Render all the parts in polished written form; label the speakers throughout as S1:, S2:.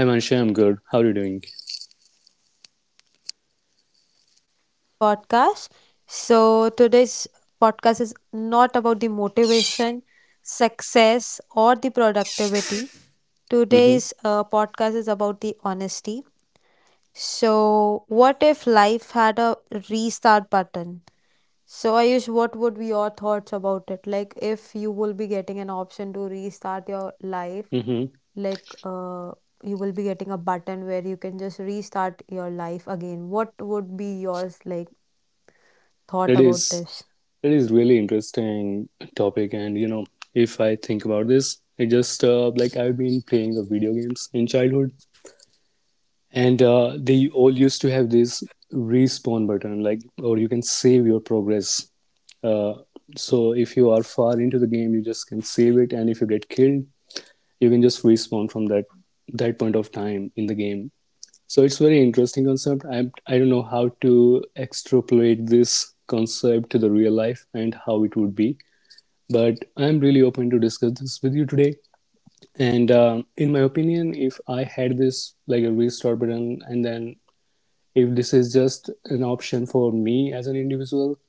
S1: Hi Mansha, I'm good. How are you doing?
S2: All right, so welcome back to the podcast. So today's podcast not about the motivation, success, or the productivity.
S1: Mm-hmm.
S2: Today's podcast is about the honesty. So, what if life had a restart button? So, Ayush, what would be your thoughts about it? Like, if you will be getting an option to restart your life,
S1: Mm-hmm.
S2: like, you will be getting a button where you can just restart your life again. What would be yours, like, thought
S1: That
S2: about
S1: is
S2: this?
S1: that is really interesting topic, and you know, if I think about this, I just like I've been playing the video games in childhood, and they all used to have this respawn button, like, or you can save your progress. Uh, so if you are far into the game, you just can save it, and if you get killed, you can just respawn from that point of time in the game. So it's very interesting concept. I don't know how to extrapolate this concept to the real life and how it would be, but I'm really open to discuss this with you today. And in my opinion, if I had this like a restart button, and then if this is just an option for me as an individual,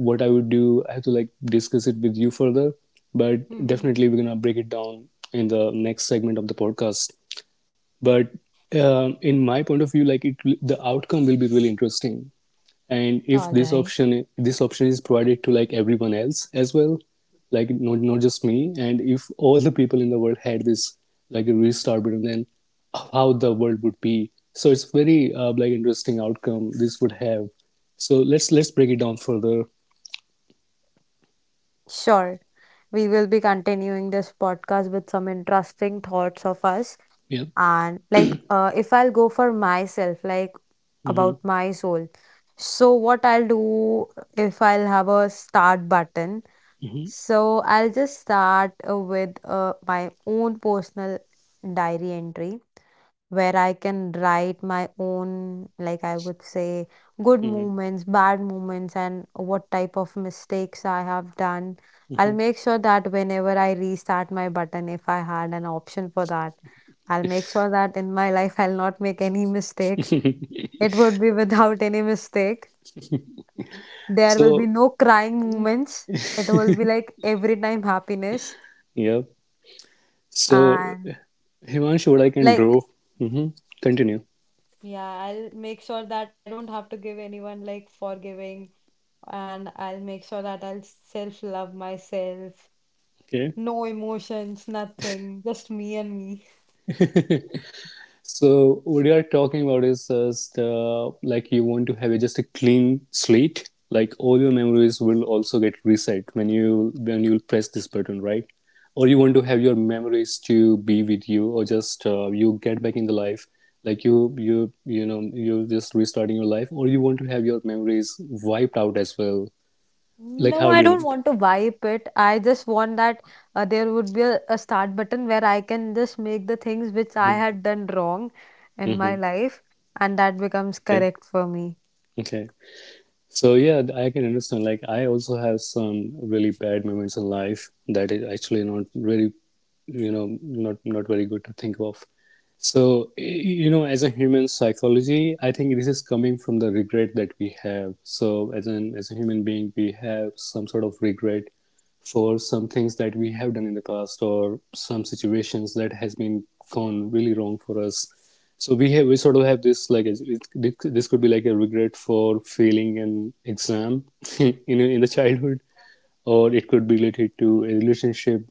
S1: what I would do, I have to like discuss it with you further. But
S2: Mm-hmm.
S1: definitely, we're gonna break it down in the next segment of the podcast. But in my point of view, like, it the outcome will be really interesting. And
S2: All
S1: if this
S2: right.
S1: option this option is provided to like everyone else as well, like not just me, and if all the people in the world had this like a restart button, then how the world would be. So it's very like interesting outcome this would have. So let's break it down further.
S2: Sure. We will be continuing this podcast with some interesting thoughts of us.
S1: Yeah.
S2: And like if I'll go for myself, like
S1: Hmm.
S2: about my soul. So what I'll do if I'll have a start button. So I'll just start with my own personal diary entry where I can write my own, like I would say, good
S1: Hmm.
S2: moments, bad moments, and what type of mistakes I have done. I'll
S1: Hmm.
S2: make sure that whenever I restart my button, if I had an option for that, I'll make sure that in my life I'll not make any mistake. It would be without any mistake. There will be
S1: So,
S2: no crying moments. It will be like every time happiness.
S1: yeah. So,
S2: And
S1: Himanshu, what I can
S2: like,
S1: draw. Hmm. Continue.
S2: yeah, I'll make sure that I don't have to give anyone like forgiving. And I'll make sure that I'll self love myself.
S1: Okay.
S2: No emotions, nothing, just me and me.
S1: So, what you are talking about is just like, you want to have just a clean slate. Like, all your memories will also get reset when you press this button, right? Or you want to have your memories to be with you, or just you get back in the life, like, you know you're just restarting your life, or you want to have your memories wiped out as well. Like,
S2: No,
S1: how
S2: I
S1: do
S2: don't
S1: you?
S2: want to wipe it. I just want that there would be a start button where I can just make the things which I
S1: Hmm.
S2: had done wrong in my
S1: Hmm.
S2: life, and that becomes
S1: Okay.
S2: correct for me.
S1: Okay. So yeah, I can understand. Like, I also have some really bad moments in life that is actually not really, not very good to think of. So you know, as a human psychology, I think this is coming from the regret that we have. So as an as a human being, we have some sort of regret for some things that we have done in the past, or some situations that has been gone really wrong for us. So we sort of have this like this could be like a regret for failing an exam in the childhood, or it could be related to a relationship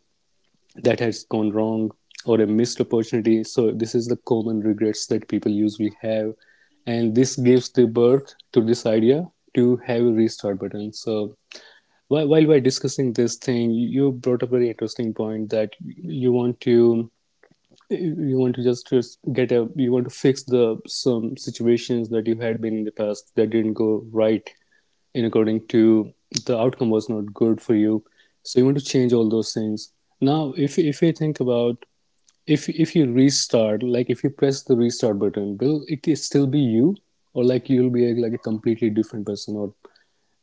S1: that has gone wrong, or a missed opportunity. So this is the common regrets that people usually have, and this gives the birth to this idea to have a restart button. So while we're discussing this thing, you brought up a very interesting point that you want to just get a you want to fix the some situations that you had been in the past that didn't go right, and according to the outcome was not good for you. So you want to change all those things. Now, if you think about, if you restart, like, if you press the restart button, will it still be you, or like, you'll be like a completely different person? Or,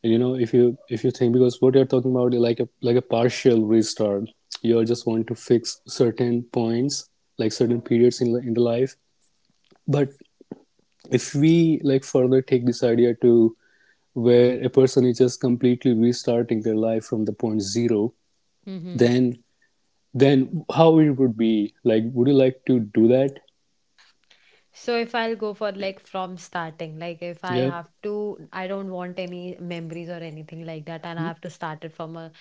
S1: you know, if you think, because what you're talking about is like a partial restart. You're just want to fix certain points, like certain periods in the life. But if we like further take this idea to where a person is just completely restarting their life from the point zero,
S2: Mm-hmm.
S1: then then how it would be. Like, would you like to do that?
S2: So if I'll go for like from starting, like if I
S1: Yep.
S2: have to, I don't want any memories or anything like that, and I have to start it from a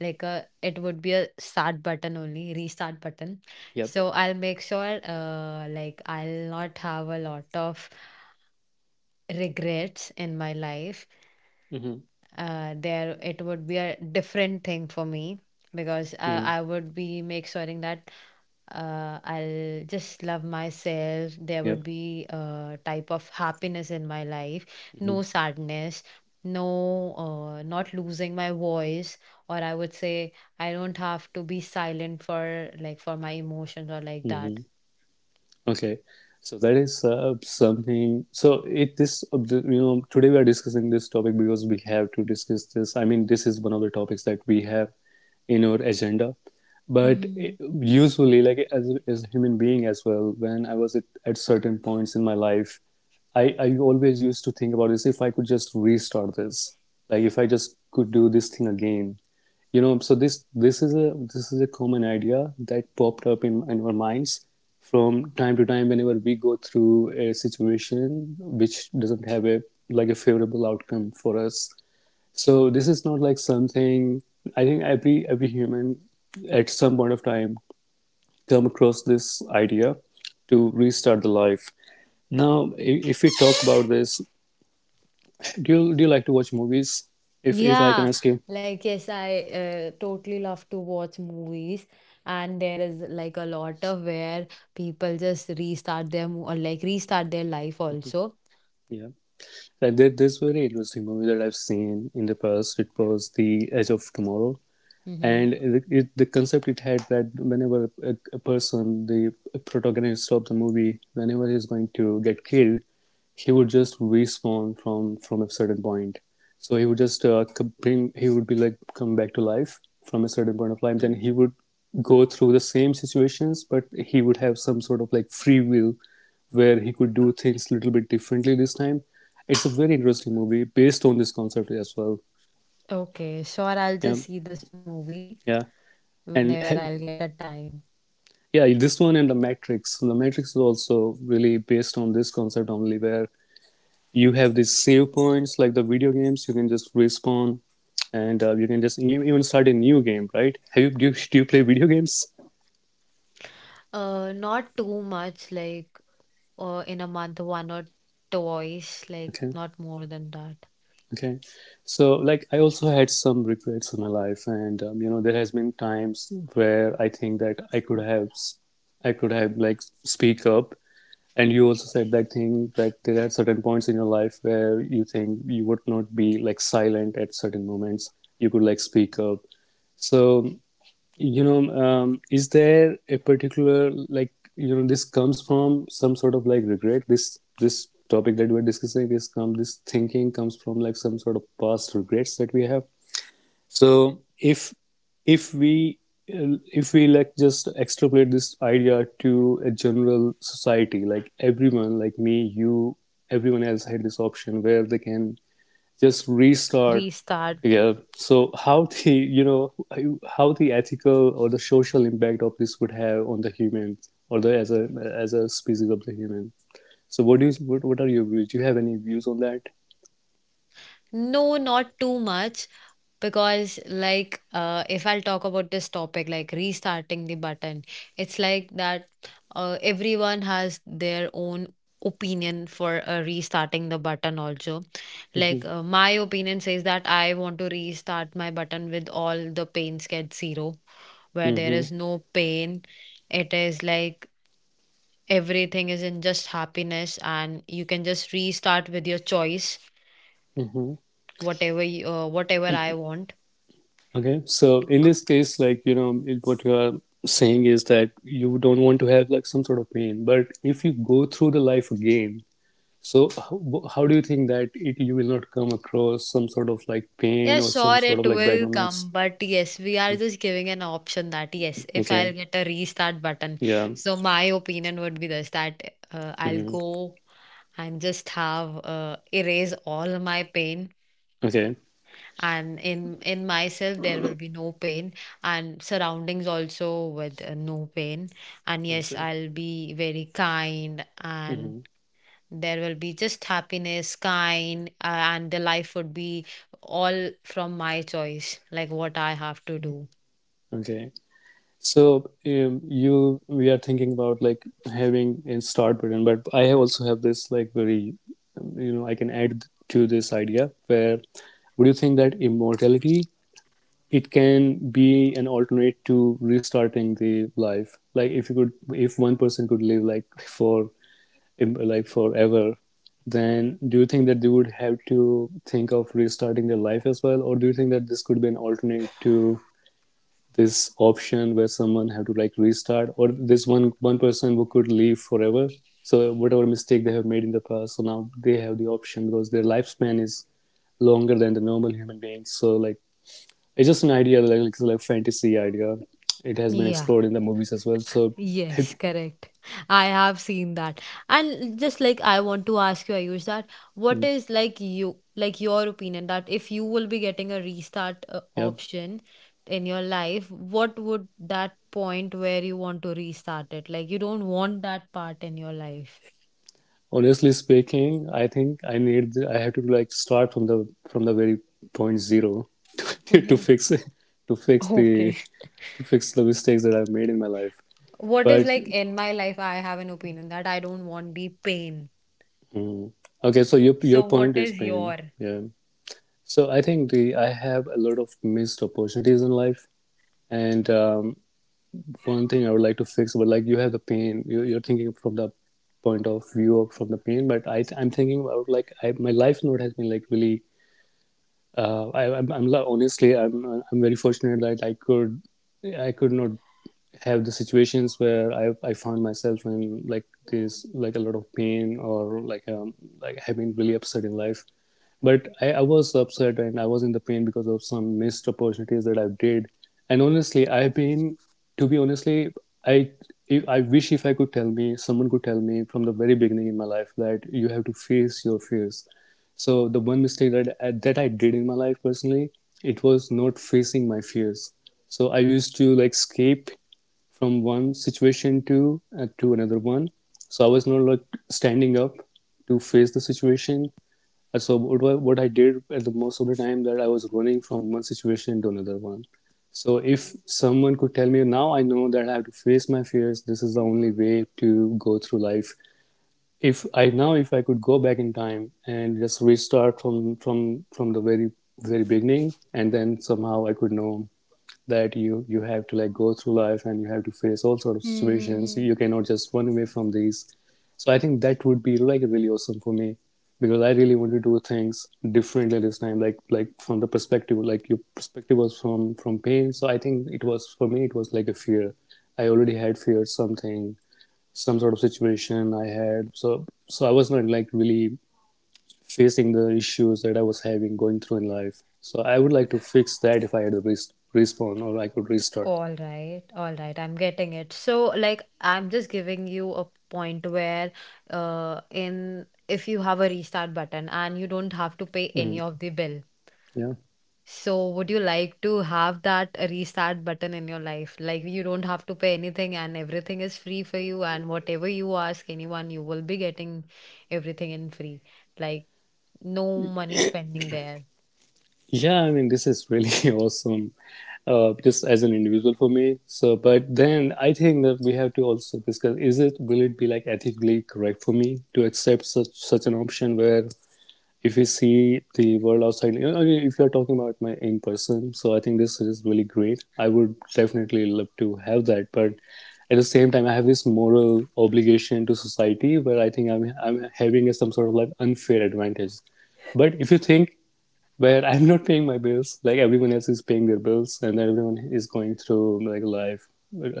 S2: like a it would be a start button only, restart button.
S1: Yep.
S2: So I'll make sure like I'll not have a lot of regrets in my life,
S1: Hmm.
S2: there it would be a different thing for me because I,
S1: Mm-hmm.
S2: I would be make certain that I'll just love myself. There
S1: Yep.
S2: would be a type of happiness in my life,
S1: Mm-hmm.
S2: no sadness, no not losing my voice, or I would say I don't have to be silent for like for my emotions or like that.
S1: Mm-hmm. Okay, so that is something. So it this you know today we are discussing this topic because we have to discuss this. I mean, this is one of the topics that we have in our agenda. But usually, like, as a human being as well, when I was at certain points in my life, I always used to think about this, if I could just restart this, like, if I just could do this thing again, you know. So this is a common idea that popped up in our minds from time to time, whenever we go through a situation which doesn't have a favorable outcome for us. So this is not like something, I think every human at some point of time come across this idea to restart the life. Now, if we talk about this, do you like to watch movies? if I
S2: Yeah,
S1: can ask you.
S2: like yes, I totally love to watch movies, and there is like a lot of where people just restart their mo or like restart their life also.
S1: Yeah, like, there's very interesting movie that I've seen in the past. It was The Edge of Tomorrow.
S2: Mm-hmm.
S1: And the concept it had, that whenever a person, the protagonist of the movie, whenever he's going to get killed, he would just respawn from a certain point. So he would just bring he would be like, come back to life from a certain point of life. Then he would go through the same situations, but he would have some sort of like free will where he could do things a little bit differently this time. It's a very interesting movie based on this concept as well.
S2: Okay, sure, I'll
S1: Yeah.
S2: just see this movie
S1: Yeah.
S2: whenever
S1: And
S2: I'll get a time.
S1: yeah, this one, and the Matrix. The Matrix is also really based on this concept only, where you have these save points, like the video games. You can just respawn, and you can just even start a new game, right? Have you do, you do you play video games?
S2: Not too much, like in a month, one or twice, like not
S1: Okay.
S2: more than that.
S1: Okay. So, like, I also had some regrets in my life, and there has been times where I think that I could have like speak up. And you also said that thing, that there are certain points in your life where you think you would not be like silent at certain moments. You could like speak up. So, is there a particular, like, this comes from some sort of like regret? This topic that we're discussing, this thinking comes from like some sort of past regrets that we have? So if if we if we like just extrapolate this idea to a general society, like everyone, like me, you, everyone else had this option where they can just restart.
S2: Restart.
S1: Yeah. So how the you know how the ethical or the social impact of this would have on the humans, or the, as a species of the human. So what are your views? Do you have any views on that?
S2: No, not too much, because like if I'll talk about this topic like restarting the button, it's like that everyone has their own opinion for restarting the button also.
S1: Mm-hmm.
S2: Like my opinion says that I want to restart my button with all the pains get zero, where there
S1: Mm-hmm.
S2: is no pain. It is like everything is in just happiness and you can just restart with your choice,
S1: Mm-hmm.
S2: whatever you, whatever I want.
S1: Okay, so in this case, like, what you are saying is that you don't want to have like some sort of pain. But if you go through the life again, so how do you think that it you will not come across some sort of like pain
S2: Yeah,
S1: or some
S2: sure,
S1: sort
S2: it
S1: of like bad
S2: will
S1: moments?
S2: come, but yes, we are just giving an option that yes, if
S1: Okay.
S2: I'll get a restart button.
S1: Yeah.
S2: So my opinion would be this that I'll
S1: Hmm.
S2: go and just have erase all my pain,
S1: Okay.
S2: and in myself there will be no pain, and surroundings also with no pain. And
S1: I
S2: yes,
S1: see.
S2: I'll be very kind, and
S1: Hmm.
S2: there will be just happiness, kind, and the life would be all from my choice, like what I have to do.
S1: Okay, so you we are thinking about like having a start button, but I have also have this like I can add to this idea, where would you think that immortality it can be an alternate to restarting the life? Like, if one person could live, like, for like forever, then do you think that they would have to think of restarting their life as well, or do you think that this could be an alternate to this option where someone have to like restart, or this one person who could live forever? So whatever mistake they have made in the past, so now they have the option because their lifespan is longer than the normal human beings. So, like, it's just an idea, like fantasy idea. It has been
S2: Yeah.
S1: explored in the movies as well. So,
S2: Yes, correct. I have seen that. And just like I want to ask you, Ayush, that what
S1: mm,
S2: is like you, like your opinion that if you will be getting a restart
S1: yeah.
S2: option in your life, what would that point where you want to restart it? Like you don't want that part in your life.
S1: Honestly speaking, I think I have to like start from the very point zero to
S2: Mhm.
S1: fix it, to fix the
S2: Okay.
S1: to fix the mistakes that I've made in my life.
S2: What is
S1: But
S2: like in my life, I have an opinion that I don't want the pain.
S1: mm, okay, so your
S2: So,
S1: your
S2: what
S1: point
S2: is
S1: is
S2: your?
S1: pain. Yeah. So I think the I have a lot of missed opportunities in life, and one thing I would like to fix, but like you have the pain, you're thinking from the point of view of from the pain, but I'm thinking about like I, my life note has been like really I'm honestly I'm very fortunate that I could not have the situations where I found myself in like this like a lot of pain or like having really upset in life but I was upset and I was in the pain because of some missed opportunities that I did, and honestly I've been to be honestly I if- I wish if I could tell me someone could tell me from the very beginning in my life that you have to face your fears. So the one mistake that I did in my life personally, it was not facing my fears. So I used to like escape from one situation to another one. So I was not like standing up to face the situation. And what what I did at the most of the time that I was running from one situation to another one. So if someone could tell me now, I know that I have to face my fears. This is the only way to go through life. If I now if I could go back in time and just restart from the very beginning, and then somehow I could know that you have to like go through life and you have to face all sort of situations.
S2: Mm-hmm.
S1: You cannot just run away from these. So I think that would be like really awesome for me, because I really want to do things differently this time. Like from the perspective, like your perspective was from pain. So I think it was, for me it was like a fear. I already had feared something, some sort of situation I had. So I was not like really facing the issues that I was having going through in life. So I would like to fix that if I had a respawn or I could restart.
S2: All right, I'm getting it. So, like, I'm just giving you a point where, in if you have a restart button and you don't have to pay any
S1: Mm,
S2: of the bill.
S1: yeah,
S2: So, would you like to have that restart button in your life? Like, you don't have to pay anything and everything is free for you, and whatever you ask anyone, you will be getting everything in free. Like, no money spending there.
S1: yeah. I mean, this is really awesome, just as an individual for me. So, but then I think that we have to also discuss: is it will it be like ethically correct for me to accept such an option where if we see the world outside, you know, if you're talking about my in person, so I think this is really great. I would definitely love to have that, but at the same time, I have this moral obligation to society where I think I'm having some sort of like unfair advantage. But if you think where I'm not paying my bills, like everyone else is paying their bills, and everyone is going through like life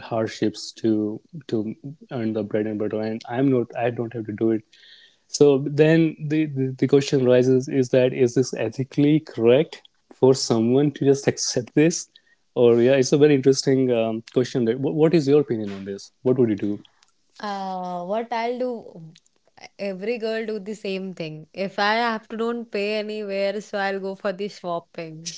S1: hardships to earn the bread and butter, and I'm not, I don't have to do it. So then the question rises is that is this ethically correct for someone to just accept this? Or yeah, it's a very interesting question. That What is your opinion on this? What would you do?
S2: What I'll do, every girl do the same thing. If I have to don't pay anywhere, so I'll go for the shopping.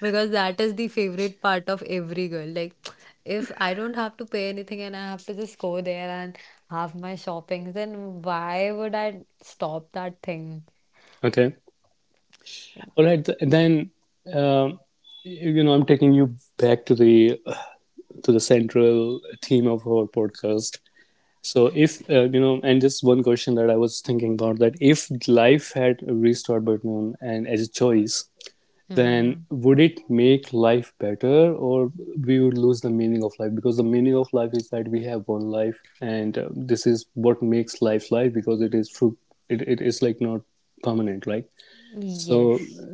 S2: Because that is the favorite part of every girl. Like, if I don't have to pay anything and I have to just go there and have my shoppings, then why would I stop that thing?
S1: Okay, all right. Then um, you know, I'm taking you back to the central theme of our podcast. So if you know, and just one question that I was thinking about, that if life had a restart button and as a choice, then
S2: Hmm.
S1: would it make life better, or we would lose the meaning of life, because the meaning of life is that we have one life, and this is what makes life life, because it is true, it is like not permanent, right? So
S2: Yes.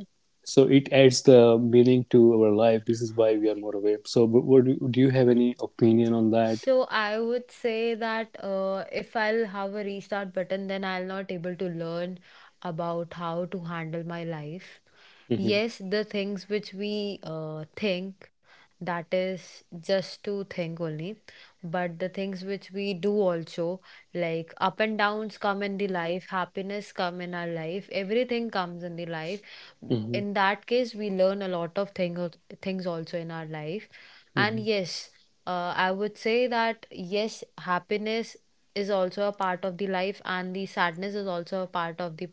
S1: so it adds the meaning to our life. This is why we are more aware. So but what do you, have any opinion on that?
S2: So I would say that if I'll have a restart button, then I'll not able to learn about how to handle my life.
S1: hmm
S2: Yes, the things which we think, that is just to think only, but the things which we do also, like up and downs come in the life, happiness come in our life, everything comes in the life.
S1: hmm
S2: In that case we learn a lot of things also in our life. And
S1: hmm
S2: yes, I would say that yes, happiness is also a part of the life, and the sadness is also a part of the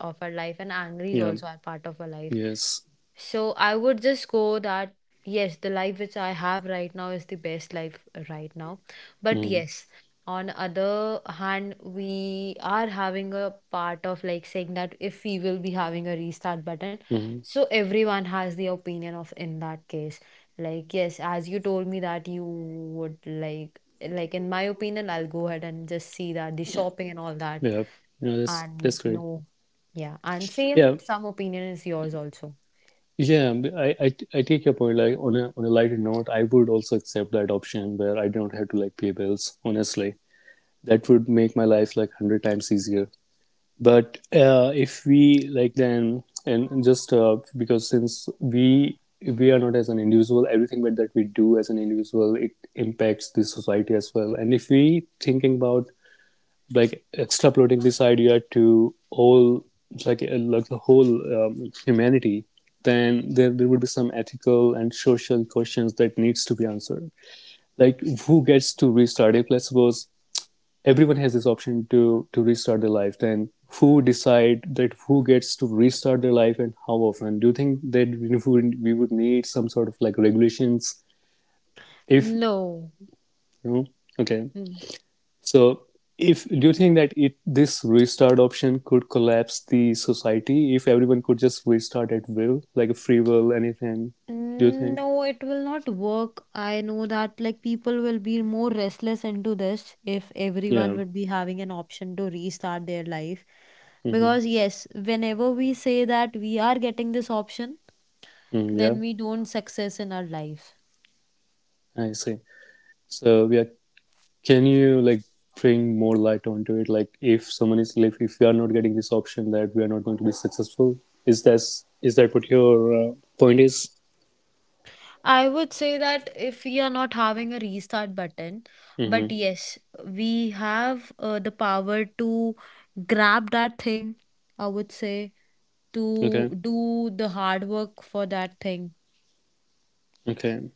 S2: of our life, and angry is
S1: yeah.
S2: also a part of our life.
S1: Yes.
S2: So I would just go that yes, the life which I have right now is the best life right now. But
S1: Mm-hmm.
S2: yes, on other hand, we are having a part of like saying that if we will be having a restart button,
S1: Mm-hmm.
S2: so everyone has the opinion of in that case. Like yes, as you told me that you would like in my opinion, I'll go ahead and just see that the shopping and all that
S1: Yeah, no,
S2: and
S1: that's great.
S2: no. Yeah, and same
S1: Yeah.
S2: some opinion is yours also.
S1: Yeah, I take your point. Like on a lighter note, I would also accept that option where I don't have to like pay bills. Honestly, that would make my life like hundred times easier. But if we like then and just because since we are not, as an individual, everything that we do as an individual, it impacts the society as well. And if we thinking about like extrapolating this idea to all like the whole um, humanity, then there would be some ethical and social questions that needs to be answered. Like who gets to restart, if let's suppose everyone has this option to restart their life, then who decide that who gets to restart their life, and how often? Do you think that we would need some sort of like regulations if
S2: No.
S1: you know. Okay.
S2: Mm.
S1: So, if do you think that it this restart option could collapse the society if everyone could just restart at will, like a free will, anything? Do you think?
S2: No, it will not work. I know that like people will be more restless into this if everyone
S1: Yeah.
S2: would be having an option to restart their life.
S1: hmm
S2: Because yes, whenever we say that we are getting this option,
S1: yeah.
S2: then we don't success in our life.
S1: I see. So, yeah, can you like bring more light onto it? Like, if someone is like, if we are not getting this option, that we are not going to be successful. Is that, is that what your point is?
S2: I would say that if we are not having a restart button, but
S1: Mm-hmm.
S2: yes, we have the power to grab that thing, I would say,
S1: Okay.
S2: to do the hard work for that thing.
S1: Okay.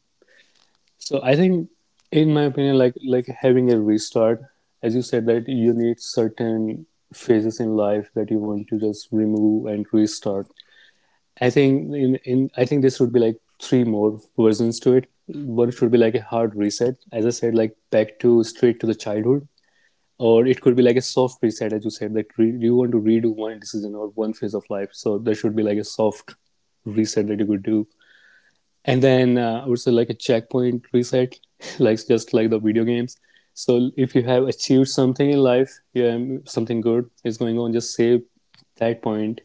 S1: So I think, in my opinion, like having a restart, as you said, that you need certain phases in life that you want to just remove and restart. I think in I think this would be like three more versions to it. One should be like a hard reset, as I said, like back to straight to the childhood, or it could be like a soft reset, as you said, that you want to redo one decision or one phase of life. So there should be like a soft reset that you could do, and then I would say like a checkpoint reset, like just like the video games. So if you have achieved something in life, yeah, something good is going on, just save that point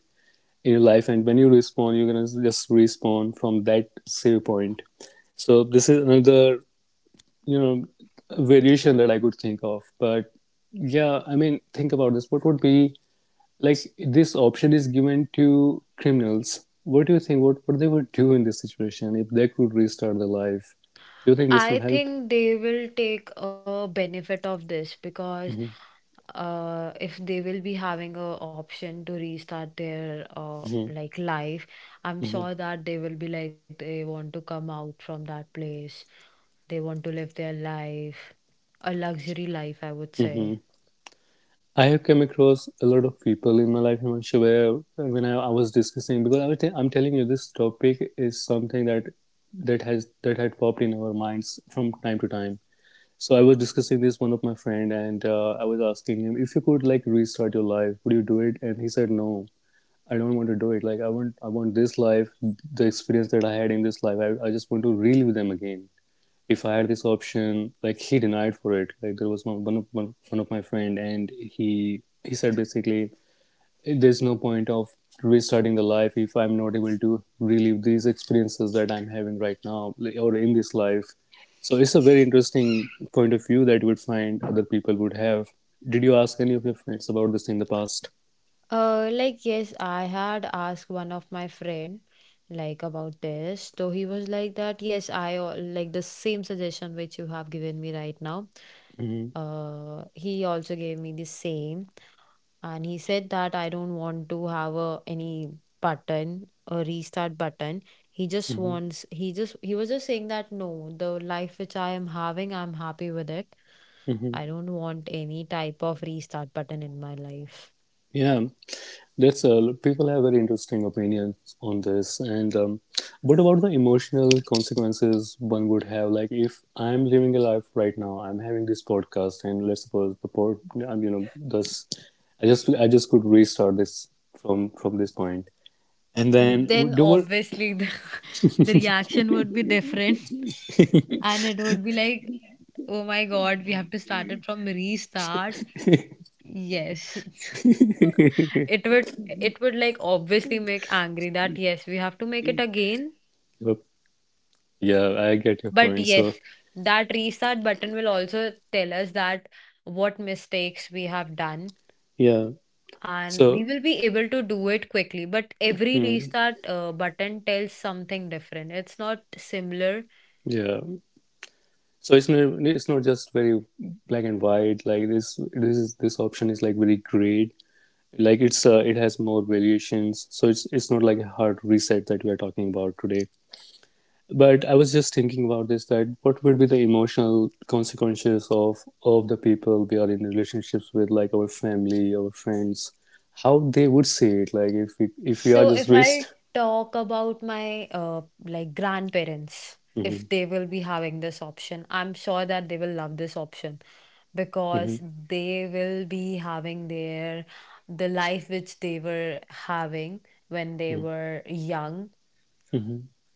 S1: in your life, and when you respawn, you're gonna just respawn from that save point. So this is another, you know, variation that I could think of. But yeah, I mean, think about this. What would be, like this option is given to criminals, what do you think what they would do in this situation if they could restart their life? Do you think this will
S2: I
S1: help?
S2: think they will take a benefit of this because
S1: Mm-hmm.
S2: if they will be having a option to restart their
S1: Mm-hmm.
S2: like life, I'm
S1: Mm-hmm.
S2: sure that they will be like they want to come out from that place. They want to live their life, a luxury life, I would say.
S1: Mm-hmm. I have come across a lot of people in my life, Himanshu, where when I was discussing, because I am telling you this topic is something that that has that had popped in our minds from time to time. So I was discussing this one of my friend, and I was asking him if you could like restart your life would you do it, and he said no, I don't want to do it. Like I want this life, the experience that I had in this life. I just want to relive them again. If I had this option, like he denied for it. Like there was one of my friend, and he said basically, there's no point of restarting the life if I'm not able to relive these experiences that I'm having right now, like, or in this life. So it's a very interesting point of view that you would find other people would have. Did you ask any of your friends about this in the past?
S2: Like yes, I had asked one of my friend like about this. So he was like that, yes, like the same suggestion which you have given me right now.
S1: Mm-hmm,
S2: He also gave me the same, and he said that I don't want to have any button, a restart button. he just
S1: mm-hmm,
S2: wants he just he was just saying that no, the life which I am having, I'm happy with it.
S1: mm-hmm.
S2: I don't want any type of restart button in my life.
S1: Yeah. That's people have very interesting opinions on this. And what about the emotional consequences one would have? Like if I'm living a life right now, I'm having this podcast, and let's suppose the pod, you know, I just could restart this from this point, and then
S2: Then
S1: do what?
S2: obviously the, the reaction would be different, and it would be like, oh my god, we have to start it from restart. Yes. It would like obviously make angry that yes, we have to make it again.
S1: Yup. Yeah, I get your
S2: But
S1: point. So
S2: yes, that restart button will also tell us that what mistakes we have done,
S1: yeah,
S2: and we
S1: so
S2: will be able to do it quickly. But every
S1: hmm,
S2: restart button tells something different. It's not similar.
S1: yeah. So it's not, it's not just very black and white. Like this option is like very great, like it's it has more variations, so it's not like a hard reset that we are talking about today. But I was just thinking about this, that what would be the emotional consequences of the people we are in relationships with, like our family, our friends, how they would say it, like if we, if we are
S2: So
S1: just
S2: if
S1: raised.
S2: I'll talk about my like grandparents,
S1: hmm
S2: if they will be having this option, I'm sure that they will love this option
S1: hmm
S2: because they will be having their the life which they were having when they
S1: hmm
S2: were young,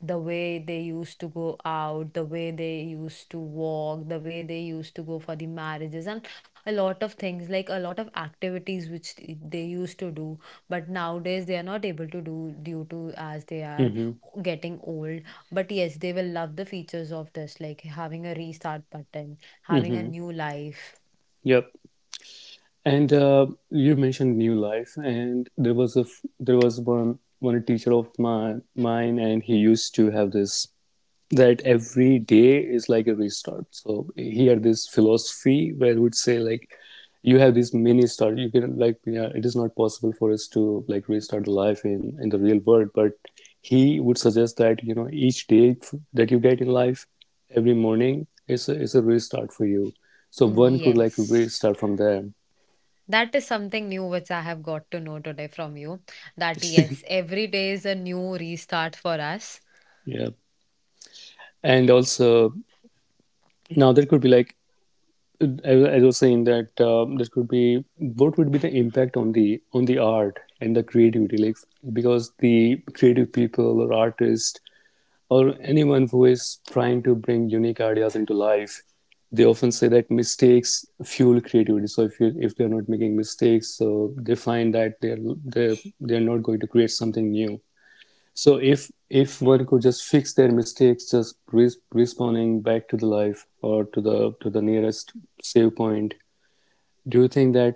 S2: the way they used to go out, the way they used to walk, the way they used to go for the marriages, and a lot of things, like a lot of activities which they used to do, but nowadays they are not able to do due to as they are
S1: hmm
S2: getting old. But yes, they will love the features of this, like having a restart button, having a
S1: hmm
S2: new life.
S1: yep. And you mentioned new life, and there was a there was one teacher of my, mine, and he used to have this, that every day is like a restart. So he had this philosophy where he would say like, you have this mini start. You can, like, you know, it is not possible for us to like restart the life in the real world. But he would suggest that you know each day that you get in life, every morning is a restart for you. So one could like
S2: Yes.
S1: restart from there.
S2: That is something new which I have got to know today from you. That yes, every day is a new restart for us.
S1: Yeah, and also now there could be like I was saying that that could be what would be the impact on the art and the creativity, like because the creative people or artists or anyone who is trying to bring unique ideas into life, they often say that mistakes fuel creativity. So if you if they are not making mistakes, so they find that they're they're not going to create something new. So if one could just fix their mistakes, just respawning back to the life or to the nearest save point, do you think that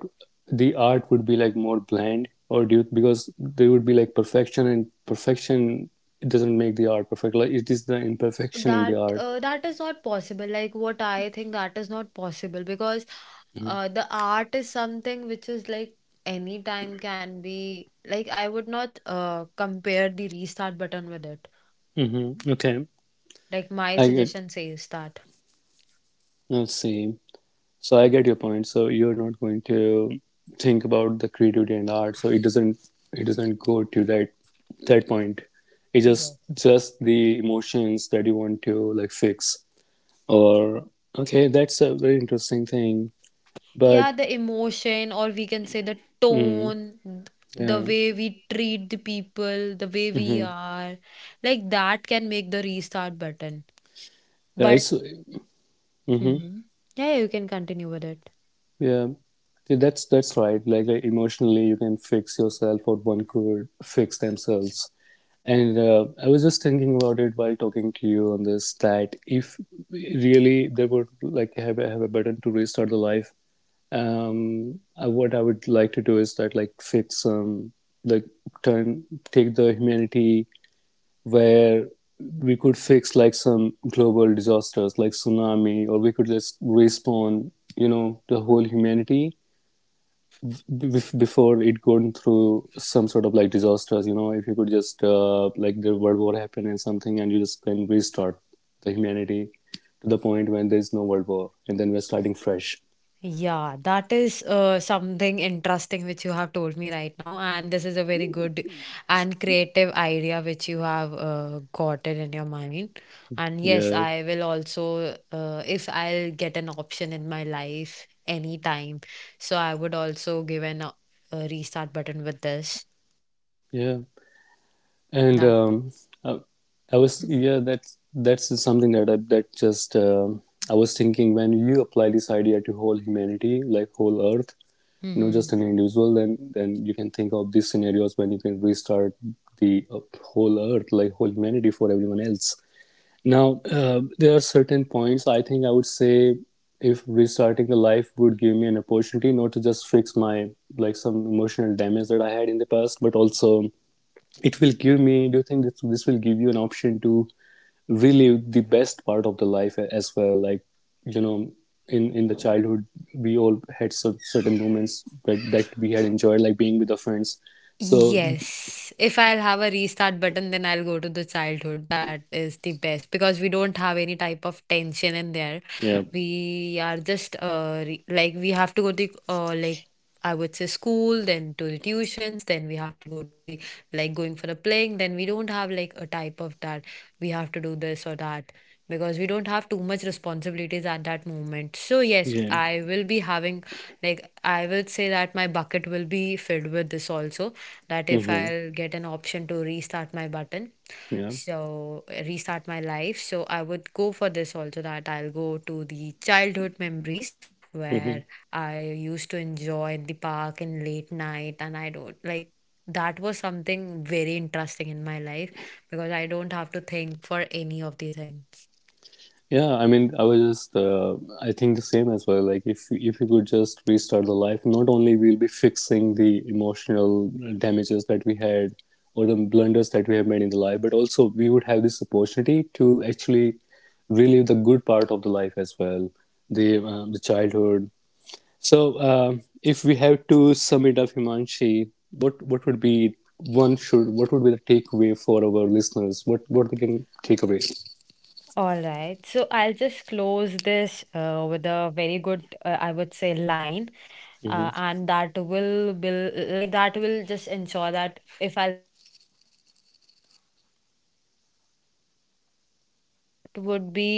S1: the art would be like more bland, or do you, because there would be like perfection and perfection doesn't make the art perfect, like it is the imperfection in the
S2: That
S1: art.
S2: that is not possible. Like what I think, that is not possible because
S1: Mm-hmm.
S2: the art is something which is like any time can be, like I would not compare the restart button with it.
S1: Mm-hmm. Okay,
S2: Like my
S1: I get,
S2: suggestion says that
S1: let's see, so I get your point, so you're not going to think about the creativity and art, so it doesn't, it doesn't go to that that point, it's just
S2: yes.
S1: the emotions that you want to like fix, or okay, that's a very interesting thing,
S2: Yeah,
S1: but,
S2: the emotion, or we can say the
S1: mm,
S2: tone, the
S1: yeah.
S2: way we treat the people, the way we
S1: Hmm.
S2: are, like that can make the restart button.
S1: Yeah, it's,
S2: But
S1: hmm,
S2: Mhm. Yeah, you can continue with it.
S1: yeah. See, that's right. Like emotionally, you can fix yourself, or one could fix themselves. And I was just thinking about it while talking to you on this. That if really they would like have a button to restart the life, I, what I would like to do is that like fix um, like turn, take the humanity, where we could fix like some global disasters like tsunami, or we could just respawn, you know, the whole humanity before it gone through some sort of like disasters. You know, if you could just like the world war happened and something, and you just can restart the humanity to the point when there's no world war, and then we're starting fresh.
S2: Yeah, that is something interesting which you have told me right now, and this is a very good and creative idea which you have gotten in your mind. And yes,
S1: Yeah,
S2: I will also, if I'll get an option in my life anytime, so I would also give an a restart button with this.
S1: yeah. And
S2: That.
S1: I, I was, yeah, that's something that I that just um, I was thinking, when you apply this idea to whole humanity, like whole Earth, not just an
S2: Mm-hmm.
S1: individual, then you can think of these scenarios when you can restart the whole Earth, like whole humanity for everyone else. Now there are certain points I think I would say, if restarting the life would give me an opportunity not to just fix my, like some emotional damage that I had in the past, but also it will give me, do you think this, this will give you an option to relive the best part of the life as well, like, you know, in the childhood we all had some certain moments that, that we had enjoyed, like being with our friends, so,
S2: Yes, if I'll have a restart button, then I'll go to the childhood. That is the best because we don't have any type of tension in there.
S1: yeah,
S2: We are just like we have to go to like I would say school, then to the tuitions, then we have to go to the like going for a playing, then we don't have like a type of that we have to do this or that, because we don't have too much responsibilities at that moment. So yes,
S1: yeah,
S2: I will be having like I will say that my bucket will be filled with this also, that if
S1: mm-hmm,
S2: I'll get an option to restart my button,
S1: yeah,
S2: so restart my life, so I would go for this also, that I'll go to the childhood memories
S1: mhm.
S2: where I used to enjoy the park in late night, and I don't like that was something very interesting in my life because I don't have to think for any of the things.
S1: Yeah, I mean, I was just, I think the same as well. Like, if you could just restart the life, not only we'll be fixing the emotional damages that we had, or the blunders that we have made in the life, but also we would have this opportunity to actually relive the good part of the life as well, the childhood. So, um, if we have to sum it up, Himanshi, what would be one should, what would be the takeaway for our listeners? What they can take away?
S2: All right. So I'll just close this with a very good, I would say, line.
S1: Hmm.
S2: And that will, like, that will just ensure that if I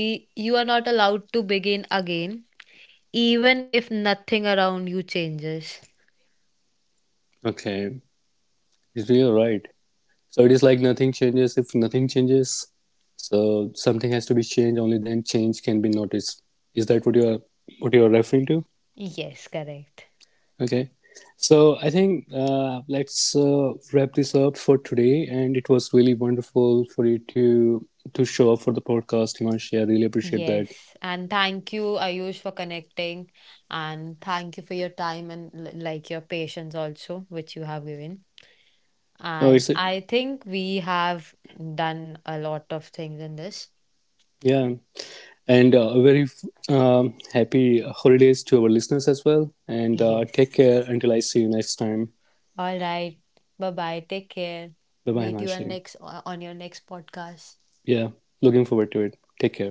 S2: You are not allowed to begin again, even if nothing around you changes.
S1: Okay. Real right. So it is like nothing changes if nothing changes. So something has to be changed. Only then change can be noticed. Is that what you are, what you are referring to?
S2: Yes, correct.
S1: Okay. So I think let's wrap this up for today. And it was really wonderful for you to show up for the podcast, Himanshi. I really appreciate that.
S2: Yes. And thank you, Ayush, for connecting. And thank you for your time and like your patience also, which you have given.
S1: Oh, it's
S2: And
S1: a,
S2: I think we have done a lot of things in this.
S1: yeah. And a very happy holidays to our listeners as well. And take care
S2: Yes.
S1: until I see you next time.
S2: All right. Bye bye. Take care.
S1: Bye bye,
S2: Meet you on
S1: Himanshi.
S2: next on your next podcast.
S1: Yeah, looking forward to it. Take care.